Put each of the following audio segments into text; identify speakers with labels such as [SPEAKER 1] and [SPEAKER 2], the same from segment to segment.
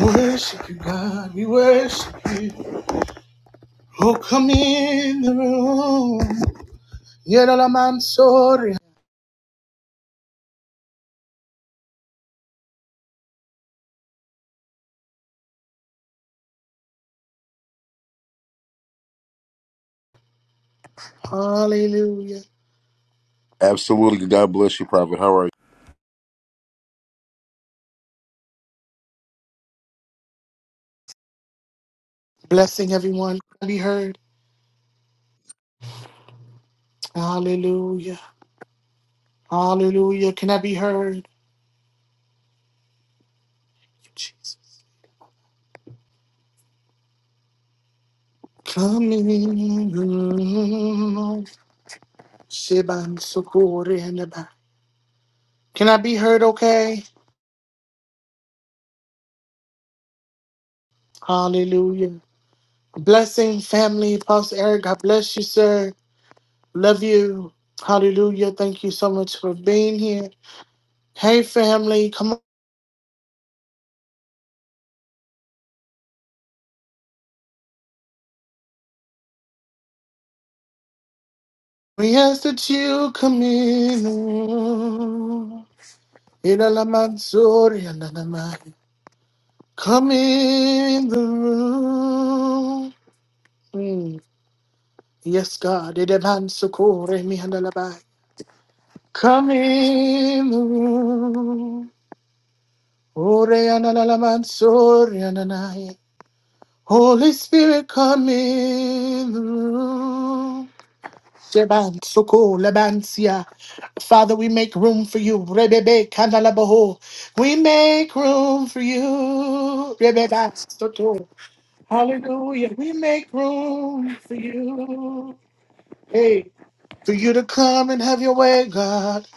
[SPEAKER 1] We worship you, God. We worship you. Oh, come in the room. Yeralamansoria. Hallelujah.
[SPEAKER 2] Absolutely. God bless you, Prophet. How are you?
[SPEAKER 1] Blessing everyone. Can I be heard? Hallelujah. Hallelujah. Can I be heard? Jesus. Come in the room. Shebansokorenaba. Can I be heard okay? Hallelujah. Blessing, family. Pastor Eric, God bless you, sir. Love you. Hallelujah. Thank you so much for being here. Hey, family, come on. We ask that you come in. Ilalaman suri alalaman. Come in the room. Mm. Yes, God. Idaman sukure mi handalabai. Come in the room. Ore analalaman suri alalai. Holy Spirit, come in the room. Seban, Soko, Lebansia. Father, we make room for you. Rebebe, Kandalabaho. We make room for you. Rebebe, Soto. Hallelujah. We make room for you. Hey, for you to come and have your way, God.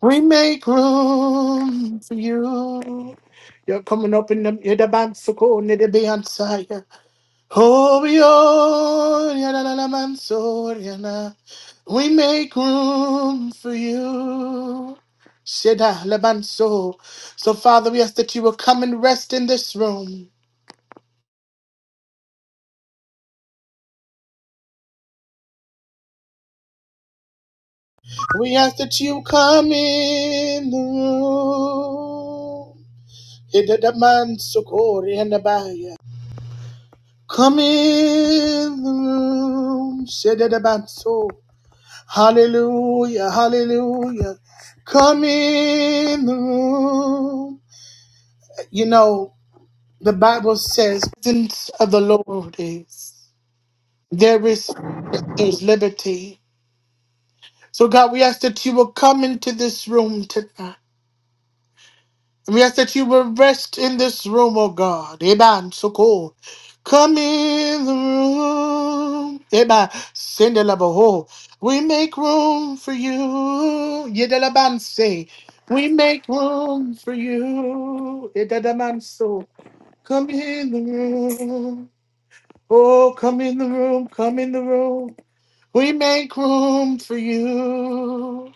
[SPEAKER 1] We make room for you. You're coming up in the Yedaban Soko, Nedebeansaya. Obior, yana, na, na, mansor, yana. We make room for you. Sheda Lebanso. So, Father, we ask that you will come and rest in this room. We ask that you come in the room. Hida da manso kori and abaya. Come in the room. Sheda da banso. Hallelujah, hallelujah. Come in the room. You know, the Bible says, the presence of the Lord is there is there's liberty. So, God, we ask that you will come into this room tonight. We ask that you will rest in this room, oh God. Amen. So cool. Come in the room. Amen. Send a ho. We make room for you. Yedelaban say. We make room for you. Yedelaban so. Come in the room. Oh, come in the room. Come in the room. We make room for you.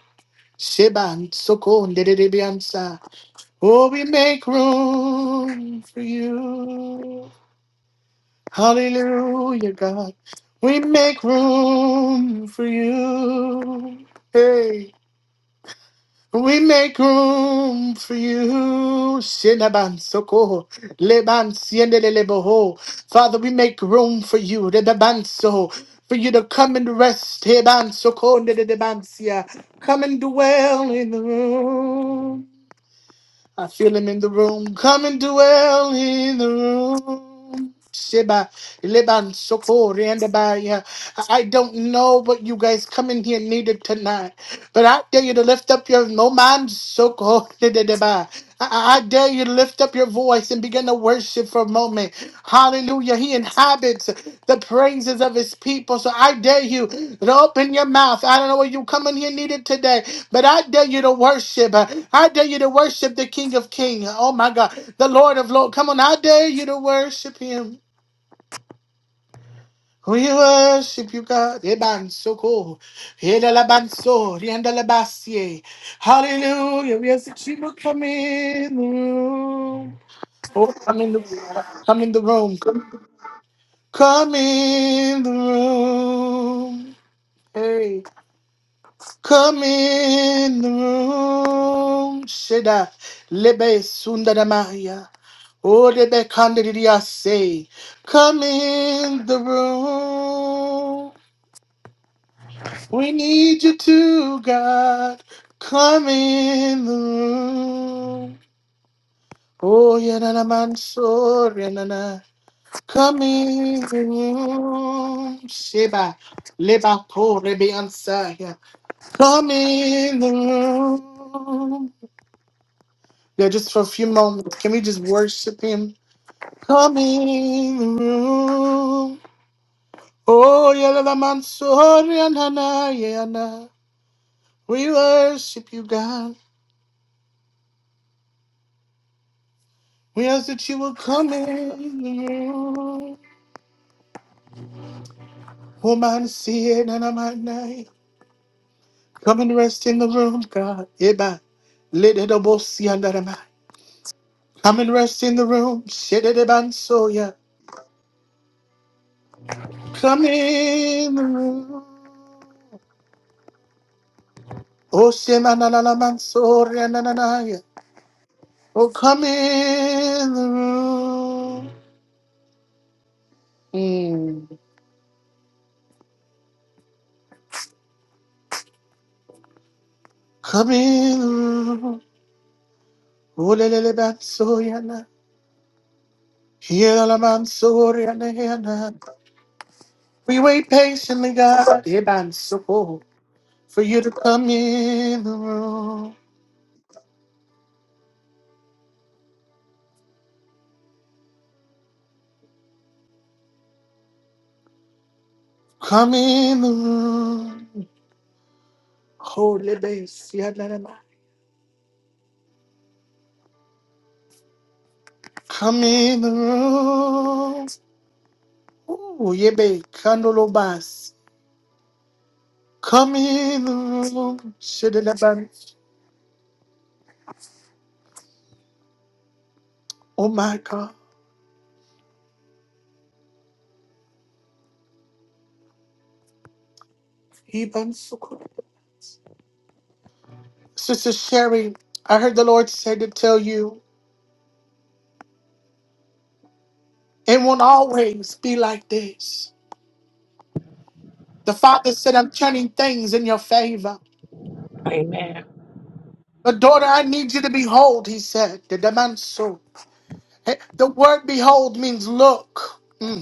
[SPEAKER 1] Sheban Soko Ndedibiansa. Oh, we make room for you? Hallelujah, God. We make room for you. Hey, we make room for you. Shinaban soko, leban siende de leboho. Father, we make room for you. Rebaban so, for you to come and rest. Heban soko, de de de ban sia. Come and dwell in the room. I feel him in the room. Come and dwell in the room. Sheba, Liban, Sokori, and Abaya. I I don't know what you guys come in here needed tonight, but I dare you to lift up your no man, Sokori, and Abaya. I I- I dare you to lift up your voice and Begin to worship for a moment. Hallelujah. He inhabits the praises of his people. So I dare you to open your mouth. I don't know what you come in here needed today, but I dare you to worship. I dare you to worship the King of Kings. Oh my God. The Lord of Lords. Come on. I dare you to worship him. We worship you, God. Ebansoko, edalabanso, riandalabasie. Hallelujah. We as the people come in. Oh, come in the come in the room. Come, come in the room. Hey, come in the room. Sheda lebe sundara Maya. Oh, lebe kandidia say, come in the room. We need you to God. Come in the room. Oh, yeah, na na man, so, Come in, Sheba, Leba, Korebi, Ansaya. Come in the room. Yeah, just for a few moments. Can we just worship him? Come in the room. Oh, Yelala Mansori and Hana, Yana. We worship you, God. We ask that you will come in the room. Woman, see it, and I'm at Come and rest in the room, God. Eba. Ledebosi andarama. Come and rest in the room. Shededebansoya. Come in the room. Oh, Shemanalamansoria nananaya. Oh, come in the room. Mm. Come in the room. Oh, lelelebansoya na. Hielamansoria na. We wait patiently, God. Ebanso, For you to come in the room. Come in the room. Holy base, Yanarama. Come in the room. Ooh, yeah, babe. Candlelobas. Come in the room. Shidelaban. Oh my God. Iban Sukuna. Sister Sherry, I heard the Lord said to tell you, it won't always be like this. The Father said, I'm turning things in your favor.
[SPEAKER 3] Amen.
[SPEAKER 1] But daughter, I need you to behold, he said. The demand so. The word behold means look. Mm.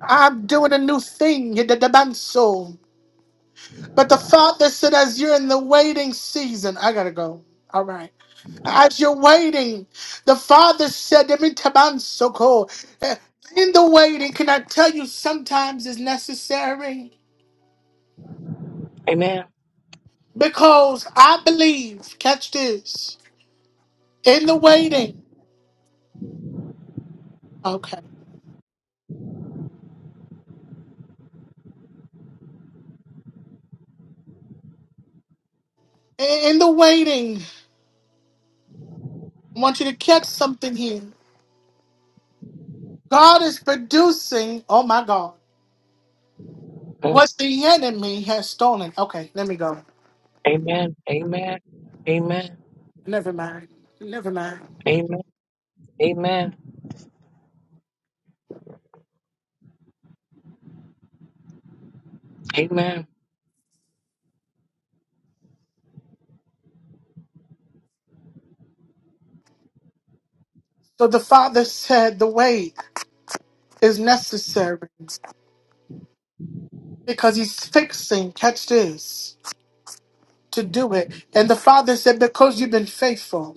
[SPEAKER 1] I'm doing a new thing in the dimension. But the Father said, as you're in the waiting season, I gotta go. All right. As you're waiting, the Father said, "Let me taban so cool." Uh, in the waiting, can I tell you sometimes is necessary?
[SPEAKER 3] Amen.
[SPEAKER 1] Because I believe, catch this, in the waiting, okay, in in the waiting, I want you to catch something here. God is producing, oh my God.
[SPEAKER 3] Mm.
[SPEAKER 1] What the enemy has stolen. Okay, let me go.
[SPEAKER 3] Amen. Amen. Amen.
[SPEAKER 1] Never mind. Never mind.
[SPEAKER 3] Amen. Amen. Amen.
[SPEAKER 1] So the father said the way is necessary because he's fixing, catch this, to do it. And the father said, because you've been faithful,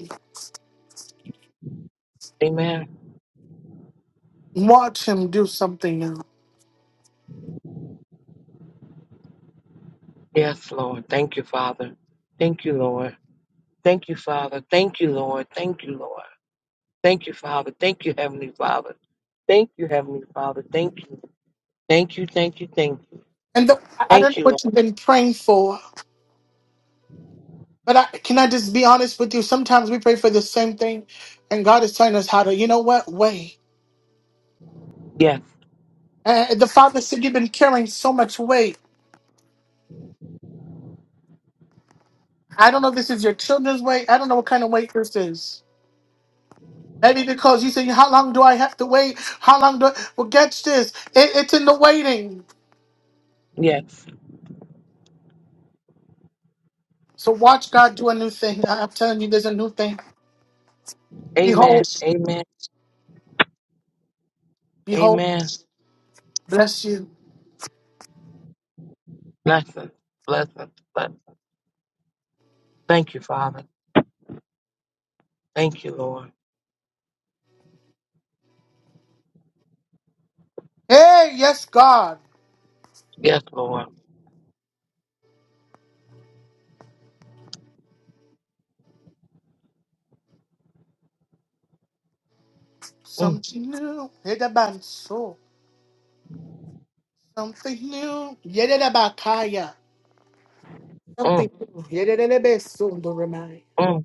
[SPEAKER 3] Amen.
[SPEAKER 1] watch him do something new.
[SPEAKER 3] Yes, Lord. Thank you, Father. Thank you, Lord. Thank you, Father. Thank you, Lord. Thank you, Lord. Thank you, Father. Thank you, Heavenly Father. Thank you, Heavenly Father. Thank you. Thank you. Thank you. Thank you.
[SPEAKER 1] And the, I I don't
[SPEAKER 3] Thank
[SPEAKER 1] know
[SPEAKER 3] you,
[SPEAKER 1] what
[SPEAKER 3] Lord.
[SPEAKER 1] you've been praying for, but I, can I just be honest with you? Sometimes we pray for the same thing, and God is telling us how to, you know what, wait.
[SPEAKER 3] Yes.
[SPEAKER 1] And the father said, you've been carrying so much weight I don't know if this is your children's wait. I don't know what kind of wait this is. Maybe because you say, How long do I have to wait? How long do I... Well, get this. It, it's in the waiting.
[SPEAKER 3] Yes.
[SPEAKER 1] So watch God do a new thing. I, I'm telling you, there's a new thing.
[SPEAKER 3] Amen.
[SPEAKER 1] Behold,
[SPEAKER 3] Amen.
[SPEAKER 1] behold,
[SPEAKER 3] Amen.
[SPEAKER 1] bless you.
[SPEAKER 3] Blessings. Blessings. Blessings. Thank you, Father. Thank you, Lord.
[SPEAKER 1] Hey, yes, God.
[SPEAKER 3] Yes, Lord. Mm,
[SPEAKER 1] Something new. Hey, the band, so. Something new. Yeah, yeah, the bakaya.
[SPEAKER 3] mm,
[SPEAKER 1] Something new. Yedebeso, do remind.
[SPEAKER 3] mm.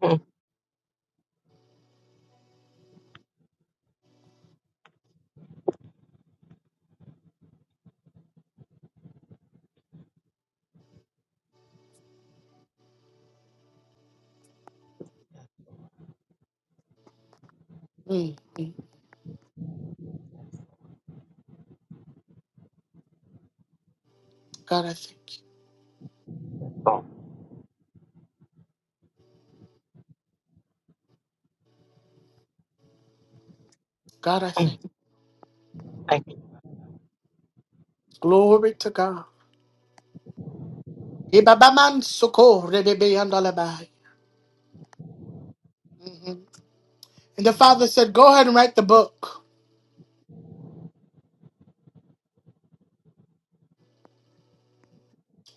[SPEAKER 3] Mm,
[SPEAKER 1] Mm, mm. God, I thank you.
[SPEAKER 3] oh,
[SPEAKER 1] God, I
[SPEAKER 3] mm,
[SPEAKER 1] thank you.
[SPEAKER 3] Thank you.
[SPEAKER 1] Glory to God. Ibabaman soko rebebe yandalabai. Mhm. And the father said, Go ahead and write the book.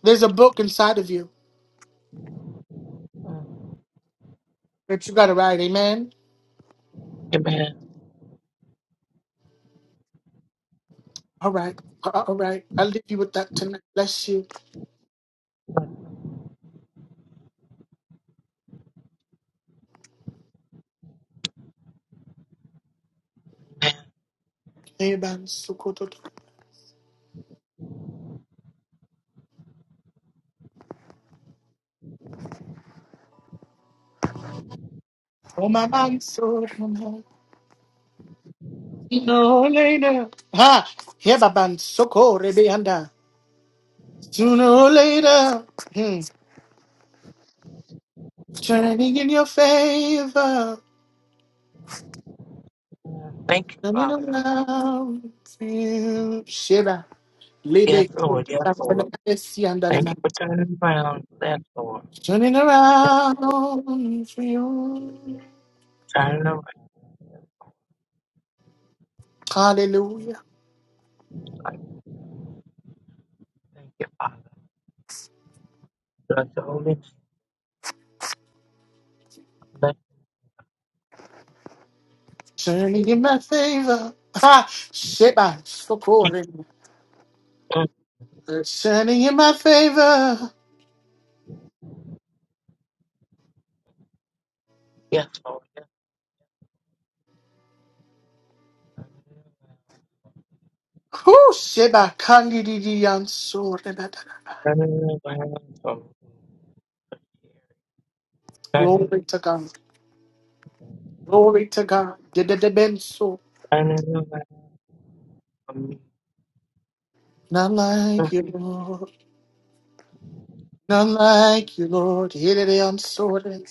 [SPEAKER 1] There's a book inside of you
[SPEAKER 3] Mm,
[SPEAKER 1] that you got to write. Amen.
[SPEAKER 3] Amen. Amen.
[SPEAKER 1] All right. Uh, All right. I'll leave you with that tonight. Bless you. Eban soko toto. Oh, my man, so Sooner or later. Ha! Hebaban soko rebe yanda. Sooner or later. Hmm. Turning in your favor.
[SPEAKER 3] Mm, Thank you,
[SPEAKER 1] Turning
[SPEAKER 3] Father God.
[SPEAKER 1] around. Hmm. Sheba.
[SPEAKER 3] Yes,
[SPEAKER 1] Libe,
[SPEAKER 3] Lord. Yes, Lord. Thank you for turning it around. Yes, Lord.
[SPEAKER 1] turning
[SPEAKER 3] Yes, Lord.
[SPEAKER 1] around for you.
[SPEAKER 3] Turning around.
[SPEAKER 1] Hallelujah.
[SPEAKER 3] Like, Thank you, Father. Bless the Holy Bless
[SPEAKER 1] Turning in my favor. Ha! Sheba,
[SPEAKER 3] you.
[SPEAKER 1] socorre.
[SPEAKER 3] Mm,
[SPEAKER 1] Turning in my favor.
[SPEAKER 3] Yes, Lord. Yes, Lord.
[SPEAKER 1] Who Sheba, candidity and so
[SPEAKER 3] Turn it around. Turn it around.
[SPEAKER 1] Glory to God. Glory to God. Did the benso.
[SPEAKER 3] Turn around for me.
[SPEAKER 1] Not like you, Lord. Not like you, Lord. Here they am,